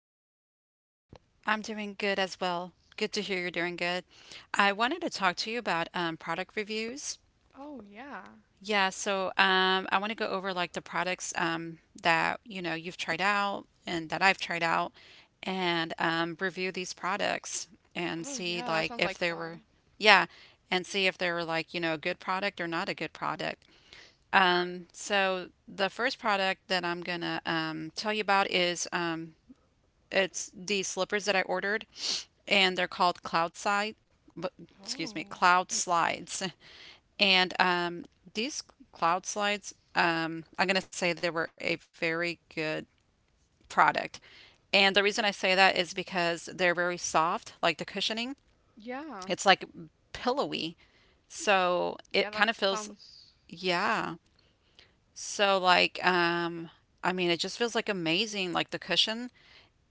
good. How about you? I'm doing good as well. Good to hear you're doing good. I wanted to talk to you about product reviews. Oh, yeah. Yeah, so I want to go over like the products that you know you've tried out and that I've tried out, and review these products and Oh, see yeah, that like sounds if like they were, fun. yeah, and see if they were like you know a good product or not a good product. So the first product that I'm gonna tell you about is It's the slippers that I ordered, and they're called Cloud Side. Excuse me, Oh, Cloud Slides. And these Cloud Slides, I'm going to say they were a very good product. And the reason I say that is because they're very soft, like the cushioning. yeah. It's like pillowy. So it Yeah, kind that of feels, sounds. yeah. So like, I mean it just feels like amazing, like the cushion,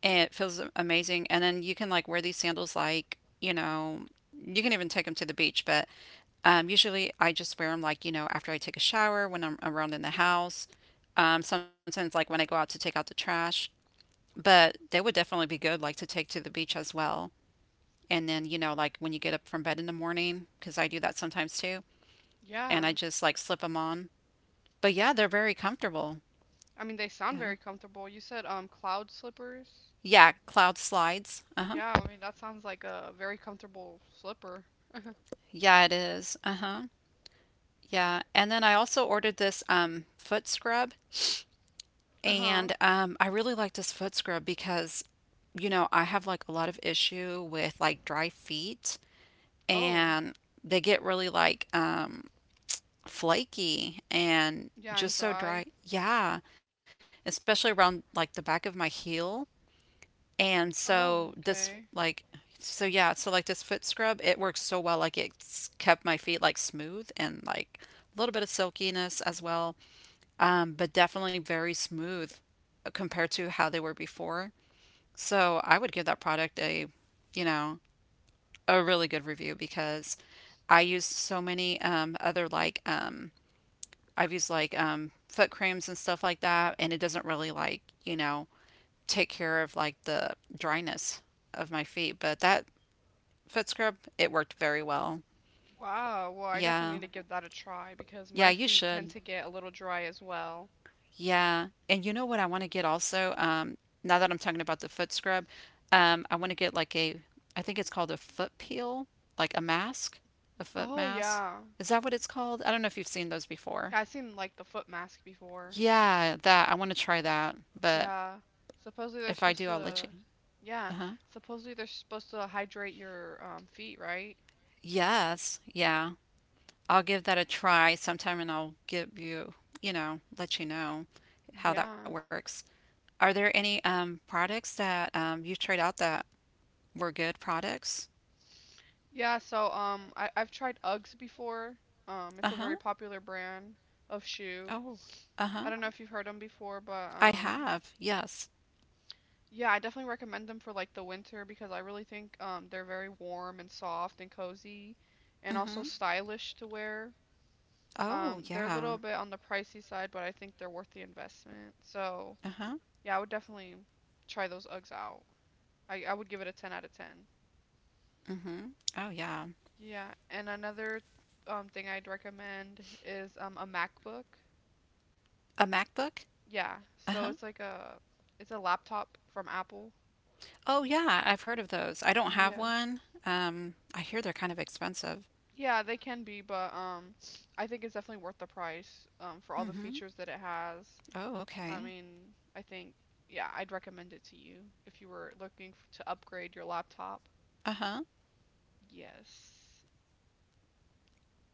it feels amazing. And then you can like wear these sandals like, you know, you can even take them to the beach. But usually I just wear them like, you know, after I take a shower, when I'm around in the house, sometimes like when I go out to take out the trash, but they would definitely be good like to take to the beach as well. And then, you know, like when you get up from bed in the morning, because I do that sometimes too, and I Yeah. just like slip them on. But yeah, they're very comfortable. I mean, they sound Yeah. very comfortable. You said cloud slippers. Yeah, cloud slides. Uh-huh. Yeah, I mean, that sounds like a very comfortable slipper. Yeah, it is. Uh-huh. Yeah. And then I also ordered this foot scrub, Uh-huh. and I really like this foot scrub because you know, I have like a lot of issue with like dry feet, Oh, and they get really like flaky and yeah, and just so dry. dry. Yeah, especially around like the back of my heel. And Oh, so okay. this like so yeah, so like this foot scrub, it works so well. Like it's kept my feet like smooth and like a little bit of silkiness as well. But definitely very smooth compared to how they were before. So I would give that product a, you know, a really good review, because I used so many other like I've used like foot creams and stuff like that, and it doesn't really like you know take care of like the dryness of my feet. But that foot scrub, it worked very well. Wow. Well, I definitely Yeah. need to give that a try because Yeah, my you feet tend should. to get a little dry as well. Yeah. And you know what I want to get also? Now that I'm talking about the foot scrub, I want to get like a, I think it's called a foot peel, like a mask, a foot Oh, mask. yeah. Is that what it's called? I don't know if you've seen those before. Yeah, I've seen like the foot mask before. Yeah, that. I want to try that. But Yeah. Supposedly if they're I do, supposed I'll so let you. to, yeah. Uh-huh. Supposedly they're supposed to hydrate your feet, right? Yes. Yeah. I'll give that a try sometime and I'll give you, you know, let you know how that Yeah. works. Are there any products that you've tried out that were good products? Yeah, so I've tried Uggs before. Uh It's a huh. very popular brand of shoe. Oh, uh I huh. don't know if you've heard them before, but I have, yes. yeah, I definitely recommend them for like the winter because I really think they're very warm and soft and cozy and Mm also hmm. stylish to wear. Oh, They're a yeah. little bit on the pricey side, but I think they're worth the investment. So, Uh huh. yeah, I would definitely try those Uggs out. I would give it a 10 out of 10. Mm hmm. Oh, yeah. Yeah, and another thing I'd recommend is a MacBook. A MacBook? Yeah, Uh so huh. it's a laptop from Apple. Oh, yeah. I've heard of those. I don't have Yeah. one. I hear they're kind of expensive. Yeah, they can be, but I think it's definitely worth the price for all Mm the hmm. features that it has. Oh, I okay. mean, I think, yeah, I'd recommend it to you if you were looking f to upgrade your laptop. Uh huh. Yes.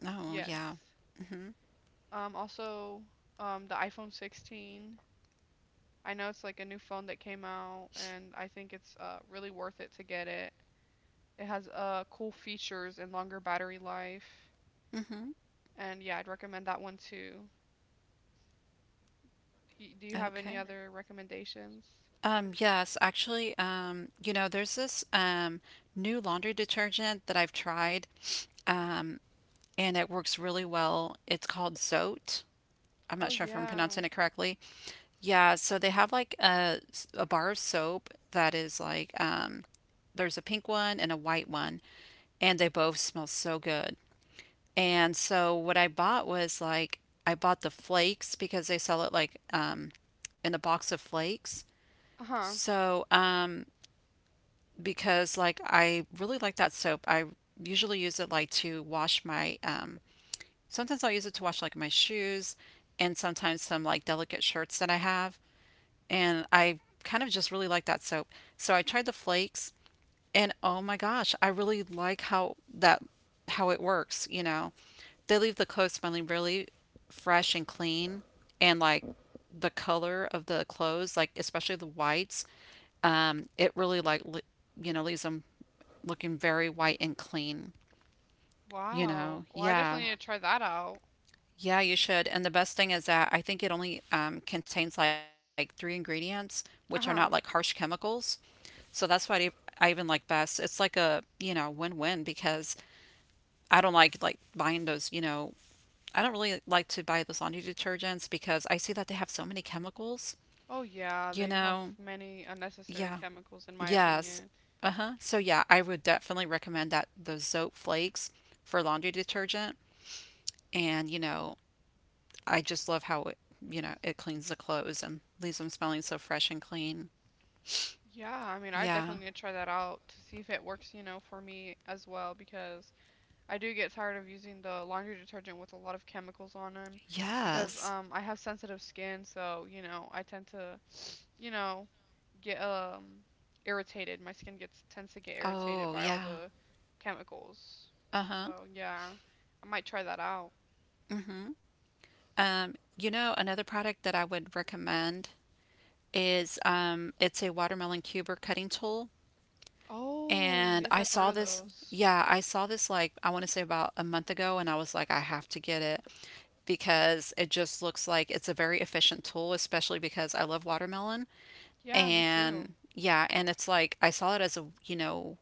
Oh, yeah. Yes. Mm hmm. Also, the iPhone 16. I know it's like a new phone that came out, and I think it's really worth it to get it. It has cool features and longer battery life. Mm hmm. And yeah, I'd recommend that one too. Do you have any Okay. other recommendations? Yes, actually, you know, there's this new laundry detergent that I've tried, um, and it works really well. It's called Zote. I'm Oh, not sure if I'm yeah. pronouncing it correctly. Yeah, so they have like a, s- a bar of soap that is like there's a pink one and a white one, and they both smell so good. And so what I bought was like I bought the flakes, because they sell it like in a box of flakes. Uh-huh. So, because like I really like that soap. I usually use it like to wash my sometimes I'll use it to wash like my shoes, and sometimes some like delicate shirts that I have. And I kind of just really like that soap. So I tried the flakes, and oh my gosh, I really like how that how it works, you know. They leave the clothes smelling really fresh and clean, and like the color of the clothes, like especially the whites, it really like le- you know leaves them looking very white and clean. You Wow. know, Well, I yeah. definitely need to try that out. Yeah, you should. And the best thing is that I think it only contains like three ingredients, which are not like harsh Uh-huh. chemicals. So that's why I even like best. It's like a, you know, win-win, because I don't like buying those, you know, I don't really like to buy those laundry detergents because I see that they have so many chemicals, Oh, yeah, you they have know. many unnecessary Yeah, chemicals, in my yes. opinion. Uh-huh. So yeah, I would definitely recommend that, those Zope flakes for laundry detergent. And, you know, I just love how it, you know, it cleans the clothes and leaves them smelling so fresh and clean. Yeah, I mean, I Yeah. definitely need to try that out to see if it works, for me as well, because I do get tired of using the laundry detergent with a lot of chemicals on them. Yeah. Because Yes. I have sensitive skin, so, I tend to, you know, get irritated. My skin gets tends to get irritated Oh, by all yeah. the, oh, chemicals. Uh-huh. So, yeah, I might try that out. Mm-hmm. You know, another product that I would recommend is it's a watermelon cuber cutting tool. Oh, yeah. And Yes, I I've heard saw of this, those. yeah, I saw this like I want to say about a month ago, and I was like I have to get it, because it just looks like it's a very efficient tool, especially because I love watermelon. Yeah, me too. And yeah, and it's like I saw it as a, you know,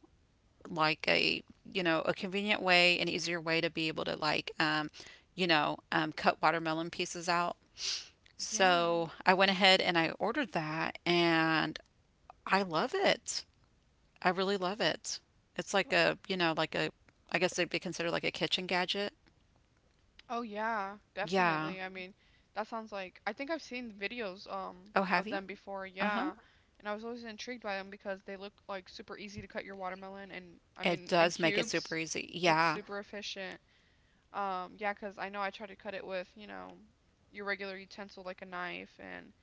like a, you know, a convenient way, an easier way to be able to like, you know, cut watermelon pieces out. Yeah. So I went ahead and I ordered that, and I love it. I really love it. It's like a, you know, like a, I guess it'd be considered like a kitchen gadget. Oh yeah, Yeah. definitely. I, yeah, mean, that sounds like I think I've seen the videos, Oh, have of, uh-huh, you? them before, Uh huh. yeah. And I was always intrigued by them because they look like super easy to cut your watermelon, and I It mean in does make it super cubes. easy. It's Yeah. super efficient. Yeah, 'cause I know I try to cut it with, your regular utensil like a knife, and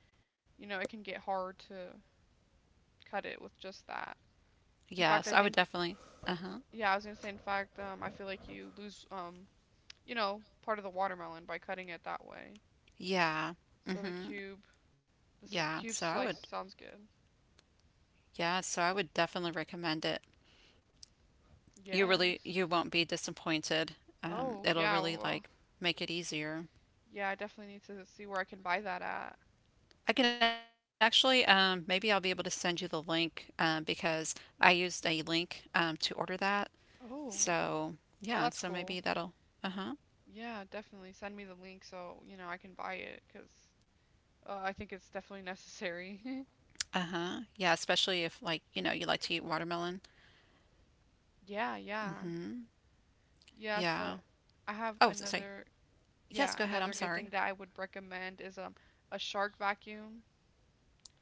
it can get hard to cut it with just that. In Yes, fact, I I would think, definitely. Uh-huh. yeah, I was gonna say in fact, I feel like you lose, part of the watermelon by cutting it that way. Yeah. So the Mm-hmm. cube, the sl Yeah. So cube I would. slice sounds good. Yeah. So I would definitely recommend it. You really, Yes. you won't be disappointed. Oh, It'll yeah, well, really well, like make it easier. yeah, I definitely need to see where I can buy that at. I can actually, maybe I'll be able to send you the link, because I used a link, to order that. Oh, So oh, that's yeah. So cool. maybe that'll. Uh-huh. Yeah, definitely send me the link so, I can buy it 'cause I think it's definitely necessary. Uh-huh. Yeah. Especially if like, you know, you like to eat watermelon. Yeah, yeah. Mm-hmm. Yeah, Yeah. so I have Oh, s- sorry. another, Yes, yeah, go ahead. I'm another good thing sorry. that I would recommend is a shark vacuum.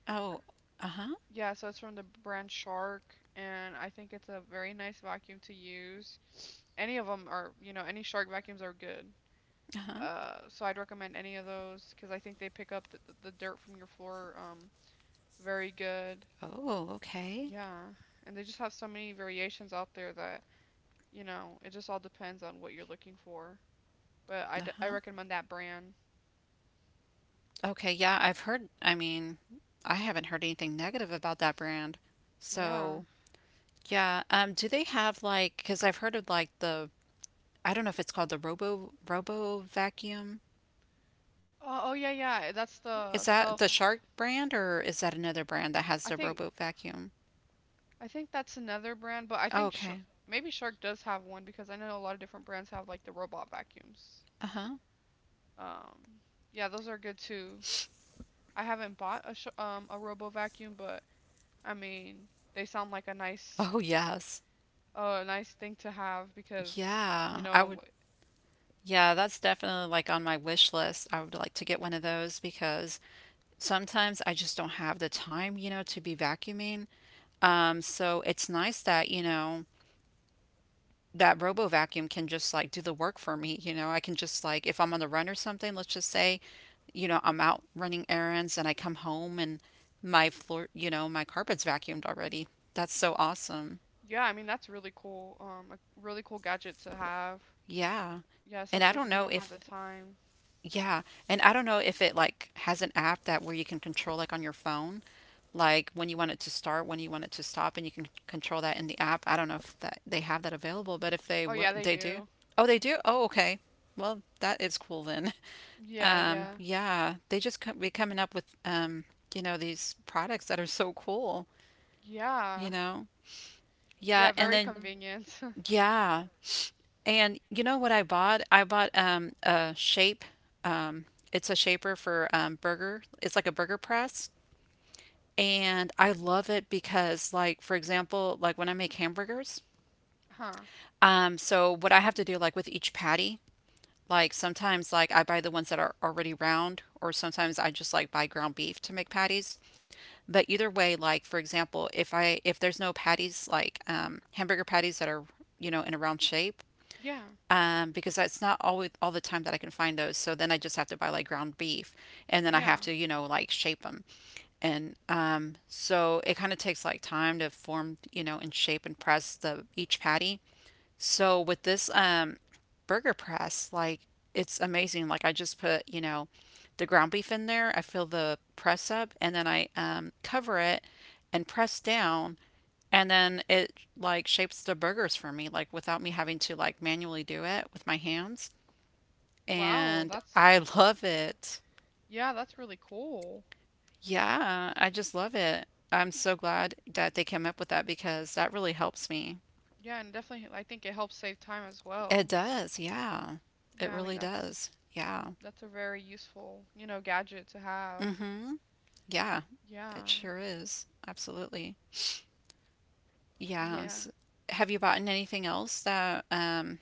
Oh, uh huh. Yeah, so it's from the brand Shark, and I think it's a very nice vacuum to use. Any of them are, any Shark vacuums are good. Uh huh. So I'd recommend any of those because I think they pick up the dirt from your floor, very good. Oh, okay. Yeah, and they just have so many variations out there that, it just all depends on what you're looking for. But I, Uh d I huh. recommend that brand. Okay, yeah, I've heard, I mean, I haven't heard anything negative about that brand. Yeah. So, yeah, do they have like, because I've heard of like the, I don't know if it's called the Robo Vacuum. Oh, yeah, yeah. That's Is the that self. the Shark brand or is that another brand that has I the think Robo Vacuum? I think that's another brand, but I Oh, think Sh okay. Maybe Shark does have one because I know a lot of different brands have like the robot vacuums. Uh-huh. Um, yeah, those are good too. I haven't bought a robo vacuum, but I mean they sound like a nice Oh, yes. a nice thing to have because you Yeah, I would. know Yeah, that's definitely like on my wish list. I would like to get one of those because sometimes I just don't have the time, you know, to be vacuuming. So it's nice that, you know, that robo vacuum can just like do the work for me. You know, I can just like, if I'm on the run or something, let's just say, you know, I'm out running errands and I come home and my floor, you know, my carpet's vacuumed already. That's so awesome. yeah, I mean that's really cool, a really cool gadget to have. Yeah. Yeah, And I especially don't if you know don't have if the time. Yeah, and I don't know if it like has an app that where you can control like on your phone, like when you want it to start, when you want it to stop, and you can control that in the app. I don't know if that they have that available, but if they Oh w yeah, they they do. do. Oh, they do? Oh, okay. Well, that is cool then. Yeah, yeah, Yeah, they just co be coming up with you know, these products that are so cool, you yeah, know. Yeah, yeah. and Very then convenient. yeah. And you know what I bought? I bought a shape. Um, it's a shaper for burger. It's like a burger press, and I love it because, like, for example, like when I make hamburgers, Huh. So what I have to do, like with each patty, like sometimes, like I buy the ones that are already round, or sometimes I just like buy ground beef to make patties. But either way, like for example, if I if there's no patties, like hamburger patties that are you know in a round shape Yeah, because that's not always all the time that I can find those. So then I just have to buy like ground beef, and then I yeah. have to you know like shape them, and so it kind of takes like time to form you know and shape and press the each patty. So with this burger press, like it's amazing. Like I just put, you know, the ground beef in there. I fill the press up, and then I cover it and press down, and then it like shapes the burgers for me, like without me having to like manually do it with my hands. Wow, And that's... I love it. Yeah, that's really cool. Yeah, I just love it. I'm so glad that they came up with that because that really helps me. Yeah, and definitely I think it helps save time as It well. does, yeah. It Yeah, I mean really does. that's Yeah. that's a very useful, gadget to have. Mhm. Yeah, Yeah. it sure is. Absolutely. Yeah. Yes. Have you bought anything else that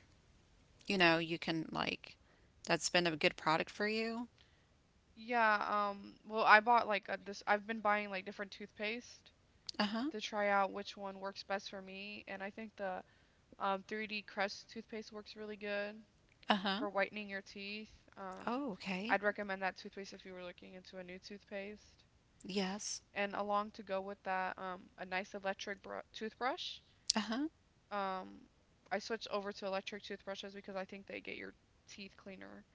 you know, you can like that's been a good product for you? Yeah, well, I bought like a, this I've been buying like different toothpaste Uh-huh. to try out which one works best for me, and I think the 3D Crest toothpaste works really good Uh-huh. for whitening your teeth. Um Oh, okay. I'd recommend that toothpaste if you were looking into a new toothpaste. Yes. And along to go with that, a nice electric toothbrush. Uh-huh. Um, I switched over to electric toothbrushes because I think they get your teeth cleaner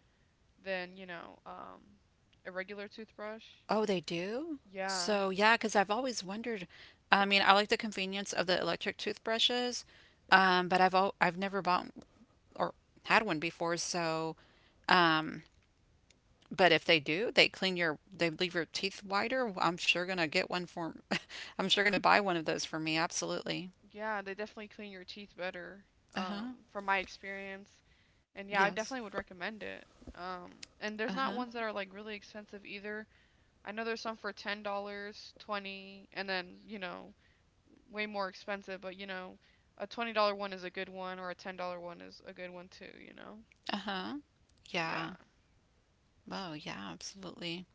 than, a regular toothbrush. Oh, they do? Yeah. So, yeah, 'cause I've always wondered. I mean, I like the convenience of the electric toothbrushes, but I've never bought or had one before, so um. But if they do, they clean your, they leave your teeth whiter. I'm sure gonna get one for, I'm sure gonna buy one of those for me. Absolutely. Yeah, they definitely clean your teeth better, Uh huh. From my experience. And yeah, I Yes. definitely would recommend it. Um, and Uh there's not huh. ones that are like really expensive either. I know there's some for $10, 20, and then way more expensive. But a $20 one is a good one, or a $10 one is a good one too. You know? Uh huh. Yeah. Yeah. Oh yeah. Absolutely.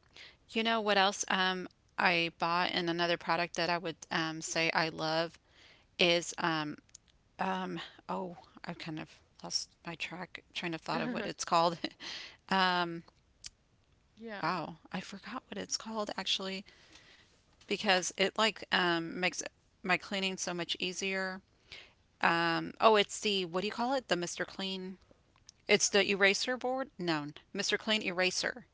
You know what else? I bought in another product that I would say I love is um, oh, I've kind of lost my track trying to thought of what it's called. Yeah. Wow, I forgot what it's called actually because it like makes my cleaning so much easier. Oh, it's the what do you call it? The Mr. Clean. It's the eraser board? No, Mr. Clean eraser.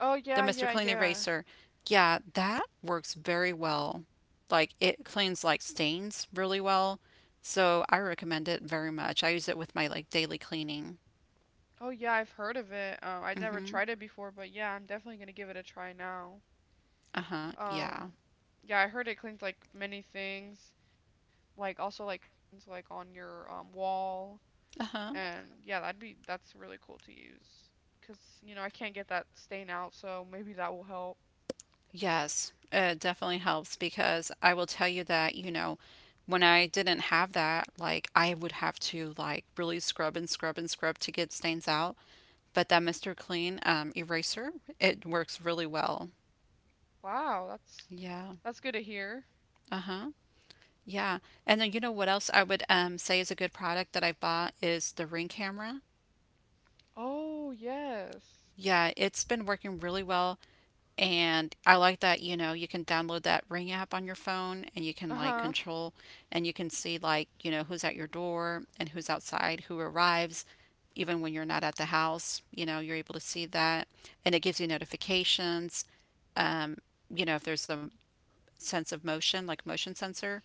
Oh The yeah, Mr. yeah, Clean yeah. eraser. Yeah, that works very well. Like it cleans like stains really well. So I recommend it very much. I use it with my like daily cleaning. Oh yeah, I've heard of it. I'd never Mhm. tried it before, but yeah, I'm definitely gonna give it a try now. Uh-huh. Yeah. Um, yeah, I heard it cleans like many things, like also like crayons, like on your wall. Uh-huh. And yeah, that's really cool to use because I can't get that stain out, so maybe that will help. Yes. It definitely helps because I will tell you that, you know, when I didn't have that, like I would have to like really scrub and scrub and scrub to get stains out. But that Mr. Clean eraser, it works really well. Wow, that's Yeah. that's good to hear. Uh-huh. Yeah. And then you know what else I would say is a good product that I bought is the Ring camera. Oh, yes. Yeah, it's been working really well. And I like that, you know, you can download that Ring app on your phone and you can like Uh-huh. Mhm. control, and you can see like, you know, who's at your door and who's outside, who arrives, even when you're not at the house, you know, you're able to see that. And it gives you notifications. Um, you know, if there's a sense of motion, like motion sensor.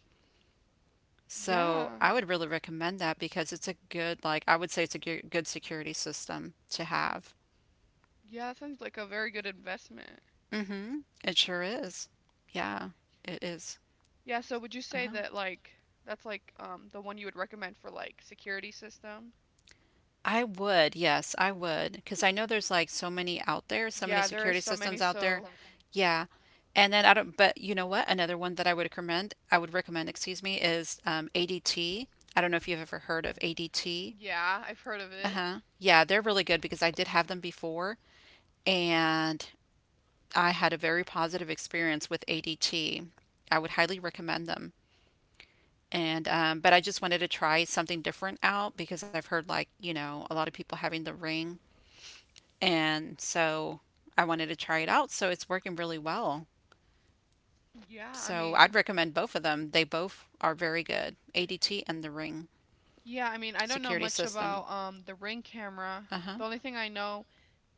So Yeah. I would really recommend that because it's a good, like, I would say it's a good, good security system to have. Yeah, that sounds like a very good investment. Mm-hmm. It sure is. Yeah, it is. Yeah, so would you say Uh-huh. that like that's like the one you would recommend for like security system? I would, yes, I would, because I know there's like so many out there, so many Yeah, there is. security Yeah, so many, systems there's out systems there. so out there. Yeah. And then I don't, but you know what? Another one that I would recommend, excuse me, is ADT. I don't know if you've ever heard of ADT. Yeah, I've heard of it. Uh-huh. Yeah, they're really good because I did have them before and I had a very positive experience with ADT. I would highly recommend them. And but I just wanted to try something different out because I've heard like, you know, a lot of people having the ring, and so I wanted to try it out, so it's working really well. Yeah, I So mean, I'd recommend both of them. They both are very good. ADT and the ring yeah, I mean, I don't know security much system. about the Ring camera. Uh-huh. The only thing I know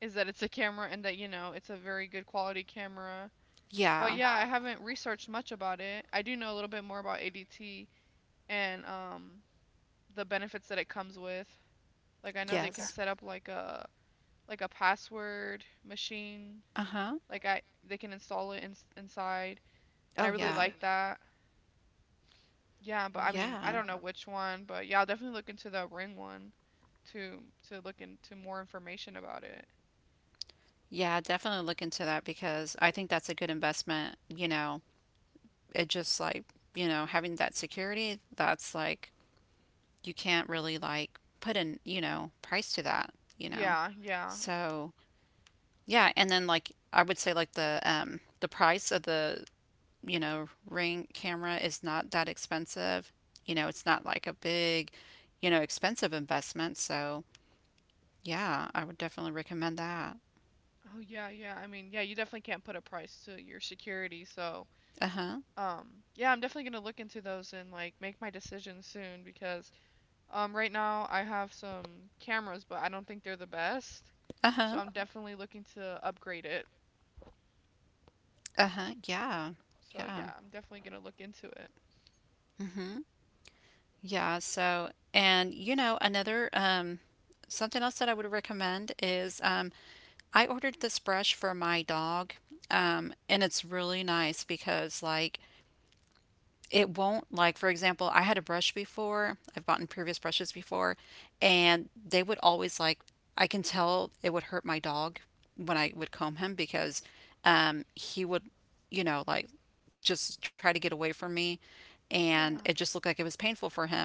is that it's a camera and that, it's a very good quality camera. But Yeah. yeah, I, yeah, haven't researched much about it. I do know a little bit more about ADT and the benefits that it comes with. Like I know they can, yeah, Yes. set up like a password machine. Uh-huh. Like I they can install it in, inside, and I Oh really yeah. like, really, that. Yeah, but I mean, I Yeah. don't know, yeah, which one, but yeah, I'll definitely look into the Ring one to look into more information about it. Yeah, definitely look into that because I think that's a good investment, you know, it just like, you know, having that security that's like you can't really like put in, you know, price to that, you know. Yeah, yeah. So yeah, and then like I would say like the price of the, you know, ring camera is not that expensive, you know. It's not like a big, you know, expensive investment. So yeah, I would definitely recommend that. Oh yeah, yeah. I mean, yeah, you definitely can't put a price to your security. So, Uh-huh. Yeah, I'm definitely gonna look into those and like make my decision soon because right now I have some cameras, but I don't think they're the best. So Uh-huh. I'm definitely looking to upgrade it. Uh-huh. Yeah. So Yeah. yeah, I'm definitely gonna look into it. Mm-hmm. Yeah, so, and you know, another something else that I would recommend is um, I ordered this brush for my dog. Um, and it's really nice because like it won't, like, for example, I had a brush before, I've bought in previous brushes before, and they would always like, I can tell it would hurt my dog when I would comb him because he would, you know, like just try to get away from me. And it Yeah. just looked like it was painful for him.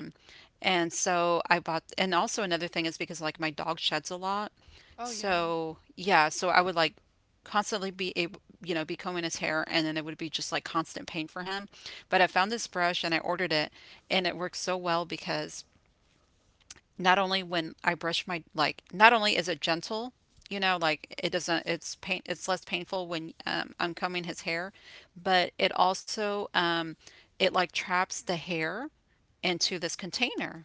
And so I bought, and also another thing is because like my dog sheds a lot. Oh yeah. So yeah, so I would like, constantly be able, you know, be combing his hair, and then it would be just like constant pain for him. But I found this brush and I ordered it, and it works so well because not only when I brush my like, not only is it gentle, you know, like it doesn't, it's pain, it's less painful when I'm combing his hair, but it also it like traps the hair into this container,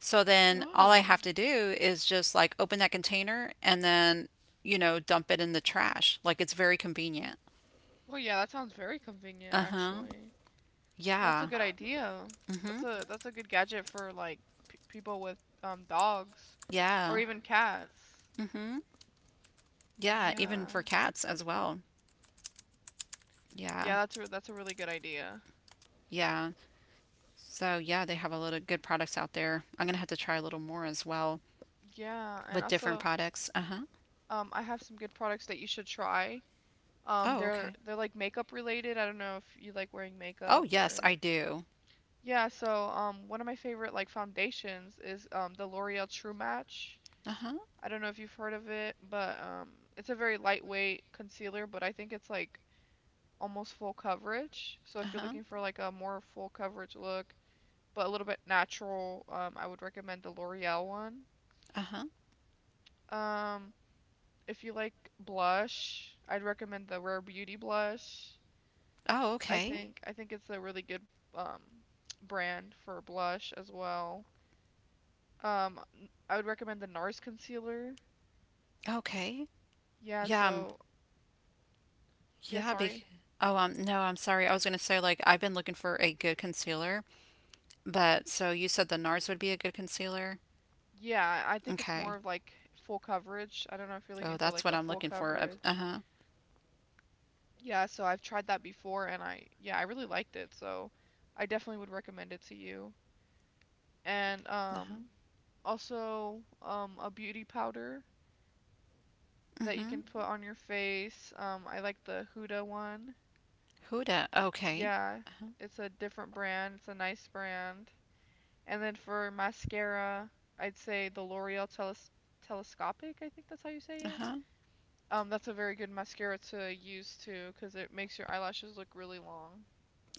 so then all I Oh. have to do is just like open that container and then, you know, dump it in the trash. Like it's very convenient. Oh yeah, that sounds very convenient Uh-huh. actually. Well, that's a Yeah. good idea. Mm-hmm. That's a good gadget for like p people with dogs or Yeah. even cats. Mm-hmm. Yeah, even Yeah. for cats as well. Yeah. Yeah, that's a really good idea. Yeah. So yeah, they have a lot of good products out there. I'm gonna have to try a little more as well Yeah, and with different also products. Uh-huh. I have some good products that you should try. Oh, they're okay. they're like makeup related. I don't know if you like wearing Oh, makeup, yes, or, I do. yeah, so, one of my favorite like foundations is the L'Oreal True Match. Uh-huh. I don't know if you've heard of it, but it's a very lightweight concealer, but I think it's like almost full coverage. So if you're Uh-huh. looking for like a more full coverage look, but a little bit natural. I would recommend the L'Oreal one. Uh-huh. Um, if you like blush, I'd recommend the Rare Beauty blush. Oh, I, okay, okay. think, I think it's a really good um brand for blush as well. I would recommend the NARS concealer. Okay. Yeah, so. Yeah, Oh, yeah, oh, yeah, be sorry, really? oh um, no, I'm sorry. I was gonna say like I've been looking for a good concealer, but so you said the NARS would be a good concealer. Yeah, I think it's Okay. more of like full coverage. I don't know if you're Oh, looking for that's what like a I'm full looking for. Coverage. Uh-huh. Yeah, so I've tried that before, and I, yeah, I really liked it. So I definitely would recommend it to you. And Uh-huh. Also a beauty powder that you Hmm. can put on your face. I like the Huda one. Huda. Okay. Yeah, Uh-huh. it's a different brand. It's a nice brand. And then for mascara, I'd say the L'Oreal Telescopic, I think that's how you say it. Uh-huh. That's a very good mascara to use too, because it makes your eyelashes look really long.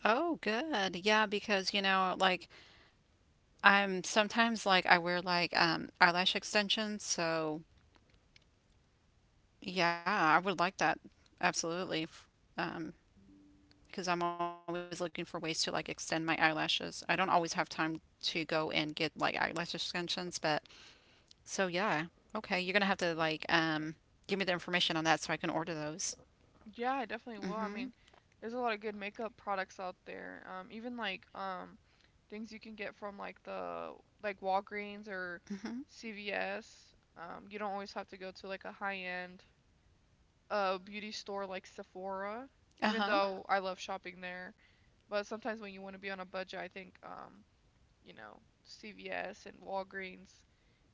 Oh, good. Yeah, because you know, like I'm sometimes like I wear like eyelash extensions, so yeah, I would like that. Absolutely. F- um, because I'm always looking for ways to like extend my eyelashes. I don't always have time to go and get like eyelash extensions, but so yeah. Okay, you're gonna have to like give me the information on that so I can order those. Yeah, I definitely will. I mean, Mm-hmm. there's a lot of good makeup products out there. Even like things you can get from like Walgreens or Mm-hmm. CVS. You don't always have to go to like a high-end beauty store like Sephora, even Uh-huh. though I love shopping there. But sometimes when you want to be on a budget, I think you know, CVS and Walgreens,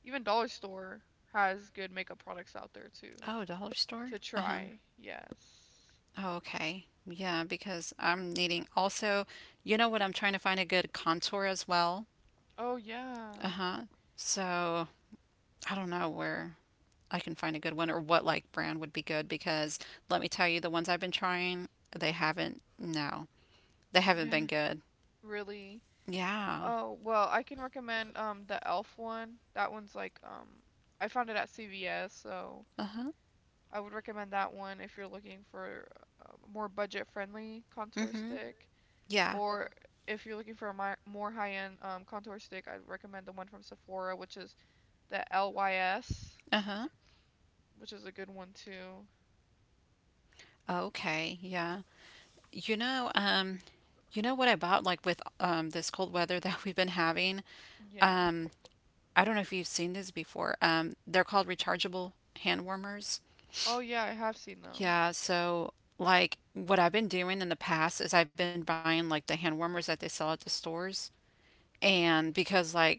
even Dollar Store has good makeup products out there too Oh, dollar store? to Uh-huh. try. Yes. Oh, okay. Yeah, because I'm needing also, you know what, I'm trying to find a good contour as well. Oh yeah. Uh-huh. So I don't know where I can find a good one or what like brand would be good because let me tell you, the ones I've been trying, they haven't, no, they haven't been good. Really? Yeah. Oh, well, I can recommend the Elf one. That one's like I found it at CVS, so Uh-huh. I would recommend that one if you're looking for a more budget-friendly contour Mhm. stick Yeah. or. Yeah, if you're looking for a mi more high-end contour stick, I'd recommend the one from Sephora, which is the LYS, Uh-huh. which is a good one too. Okay. Yeah. You know um, you know what I bought like with this cold weather that we've been having, Yeah. um, I don't know if you've seen these before, um, they're called rechargeable hand warmers. Oh yeah, I have seen them. Yeah, so like what I've been doing in the past is I've been buying like the hand warmers that they sell at the stores. And because, like,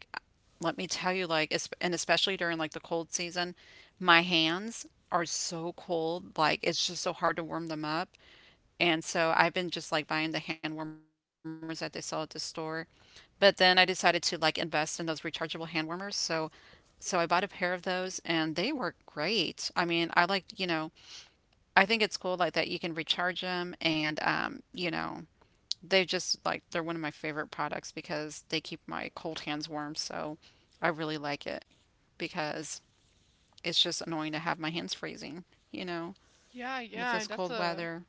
let me tell you, like, and especially during like the cold season, my hands are so cold. Like, it's just so hard to warm them up. And so I've been just like buying the hand warmers that they sell at the store. But then I decided to like invest in those rechargeable hand warmers. So, so I bought a pair of those, and they work great. I mean, I like, you know, I think it's cool like that you can recharge them, and, you know, they just like they're one of my favorite products because they keep my cold hands warm. So I really like it because it's just annoying to have my hands freezing, you know, Yeah, with yeah, this that's cold a weather.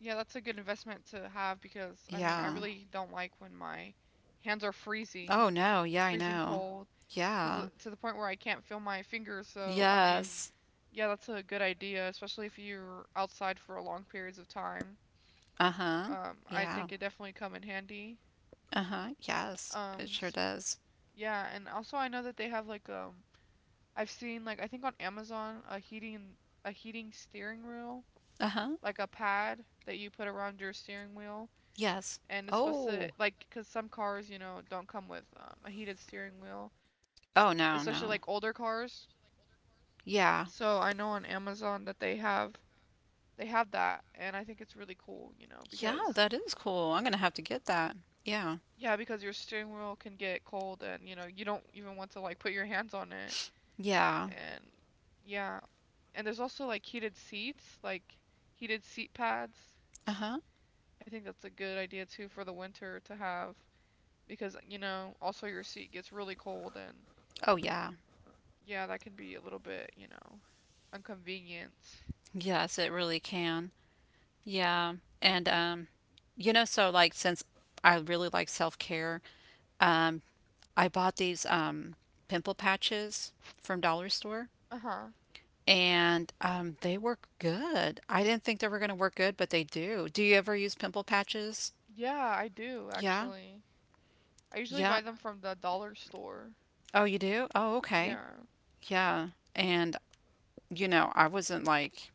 yeah, that's a good investment to have because I mean, I Yeah. really don't like when my hands are freezing, Oh no. Yeah, I freezing know. cold, because Yeah. to the point where I can't feel my fingers. So, I mean, Yes. yeah, that's a good idea, especially if you're outside for long periods of time. Uh huh. I Yeah. think it definitely come in handy. Uh huh. Yes. It Um, sure s- does. yeah, and also I know that they have like I've seen like I think on Amazon a heating steering wheel, Uh huh. like a pad that you put around your steering wheel Yes. and it's supposed to. Oh, Oh. like because some cars, you know, don't come with a heated steering wheel, Oh no. especially. No. Yeah, like older cars, Yeah. so I know on Amazon that they have, they have that and I think it's really cool, you know, Yeah. because That is cool. I'm gonna have to get that. Yeah. yeah, because your steering wheel can get cold and you know you don't even want to like put your hands on it. Yeah. And yeah, and there's also like heated seats, heated seat pads. Uh huh. I think that's a good idea too for the winter to have because you know also your seat gets really cold and Oh yeah. yeah, that can be a little bit, you know, inconvenient. Yes, it really can. Yeah. And um, you know, so like since I really like self-care, um, I bought these pimple patches from Dollar Store, Uh-huh. and um, they work good. I didn't think they were going to work good, but they do. Do you ever use pimple patches? Yeah, I do Yeah. actually. I usually Yeah. buy them from the dollar store. Oh, you do? Oh, okay. Yeah. Yeah. And you know, I wasn't like,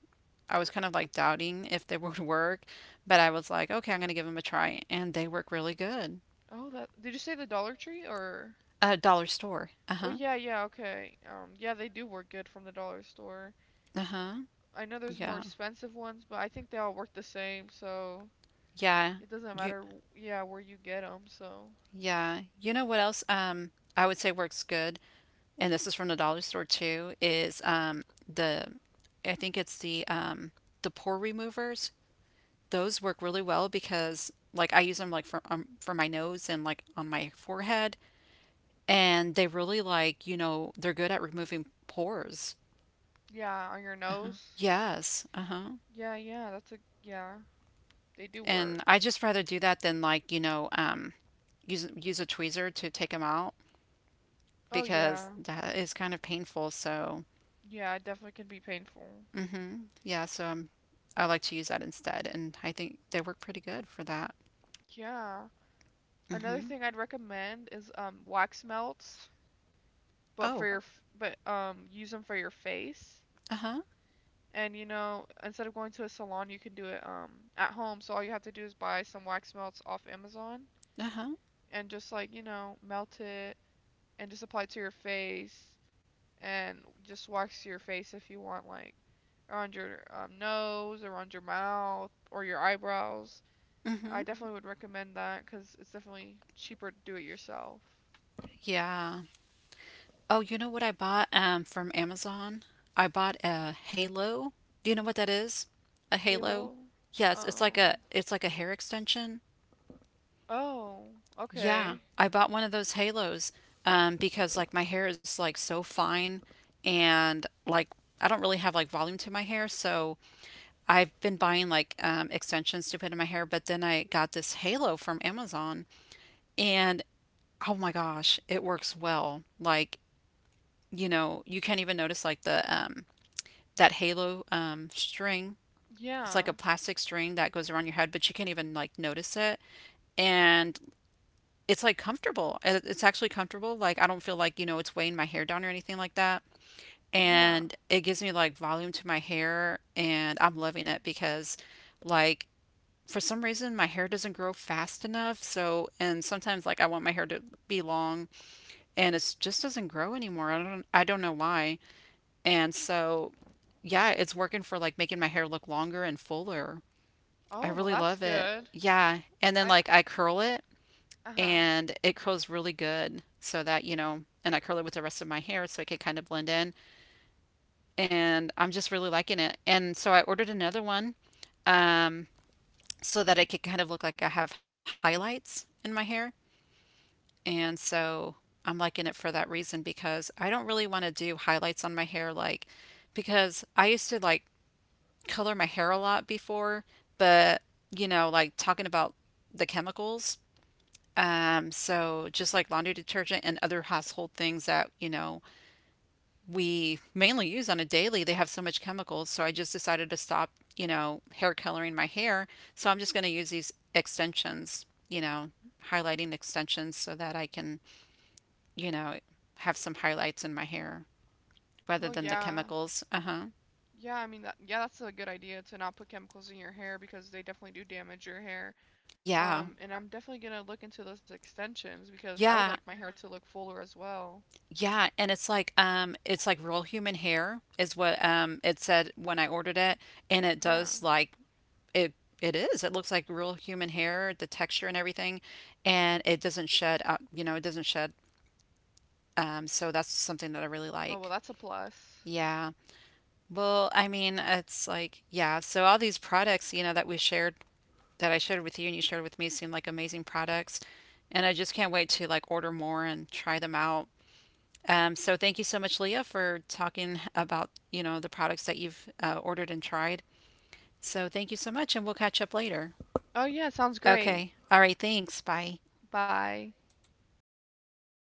I was kind of like doubting if they would work, but I was like, okay, I'm going to give them a try, and they work really good. Oh, that, did you say the Dollar Tree or? A dollar store. Oh Uh-huh. yeah, yeah, okay. Yeah, they do work good from the dollar store. Uh-huh. I know there's more Yeah. expensive ones, but I think they all work the same, so Yeah. it doesn't You matter, yeah, where you get them. So, yeah. You know what else I would say works good, and this is from the dollar store too, is the I think it's the pore removers. Those work really well because like I use them like for my nose and like on my forehead, and they really like, you know, they're good at removing pores. yeah, on your Uh huh. nose. Yes. Uh-huh. Yeah, yeah, that's a yeah. They do work. And I just rather do that than like, use a tweezer to take them out Oh because yeah. that is kind of painful. So Yeah, it definitely can be painful. hmm yeah, so I like to use that instead, and I think they work pretty good for that. Yeah. hmm Another thing I'd recommend is wax melts, but for Oh, your f- but use them for your face. uh huh, And you know, instead of going to a salon, you can do it at home. So all you have to do is buy some wax melts off Amazon uh huh, and just like, you know, melt it and just apply it to your face and just wax your face if you want like around your nose, around your mouth or your eyebrows. I hmm definitely would recommend that because it's definitely cheaper to do it yourself. yeah. Oh, you know what I bought from Amazon? I bought a Halo. Do you know what that is? A Halo? Halo. Yes, it's like Um. A hair extension. Oh, Yeah, okay. I bought one of those halos because like my hair is like so fine and like I don't really have like volume to my hair, so I've been buying like extensions to put in my hair, but then I got this halo from Amazon and oh my gosh, it works well. Like, you know, you can't even notice like the that halo string. It's like a Yeah. plastic string that goes around your head, but you can't even like notice it. And it's like comfortable. It's actually comfortable. Like I don't feel like, you know, it's weighing my hair down or anything like that. Yeah. And it gives me like volume to my hair and I'm loving it because like for some reason my hair doesn't grow fast enough. So and sometimes like I want my hair to be long and it just doesn't grow anymore. I don't know why. And so yeah, it's working for like making my hair look longer and fuller. I Oh, well, really that's love it. good. Yeah. And then I, like I curl it uh-huh. and it curls really good so that you know and I curl it with the rest of my hair so it can kind of blend in and I'm just really liking it and so I ordered another one, um, so that it could kind of look like I have highlights in my hair and so I'm liking it for that reason because I don't really want to do highlights on my hair like because I used to like color my hair a lot before but you know like talking about the chemicals. So just like laundry detergent and other household things that, you know, we mainly use on a daily, they have so much chemicals. So I just decided to stop, you know, hair coloring my hair. So I'm just going to use these extensions, you know, highlighting extensions so that I can, you know, have some highlights in my hair rather Well, than the yeah. chemicals. Uh-huh. Yeah, I mean, that's a good idea to not put chemicals in your hair because they definitely do damage your hair. Yeah. And I'm definitely gonna look into those extensions because I would like Yeah. my hair to look fuller as well. Yeah, and it's like real human hair is what it said when I ordered it and it Yeah. does like It it is. It looks like real human hair, the texture and everything, and it doesn't shed out, you know, it doesn't shed. So that's something that I really Oh, well, like. that's a plus. Yeah. Well, I mean, it's like, yeah, so all these products, you know, that I shared with you and you shared with me seem like amazing products, and I just can't wait to like order more and try them out. So thank you so much, Leah, for talking about, you know, the products that you've ordered and tried. So thank you so much, and we'll catch up later. Oh, yeah, sounds great. Okay. All right, thanks. Bye. Bye.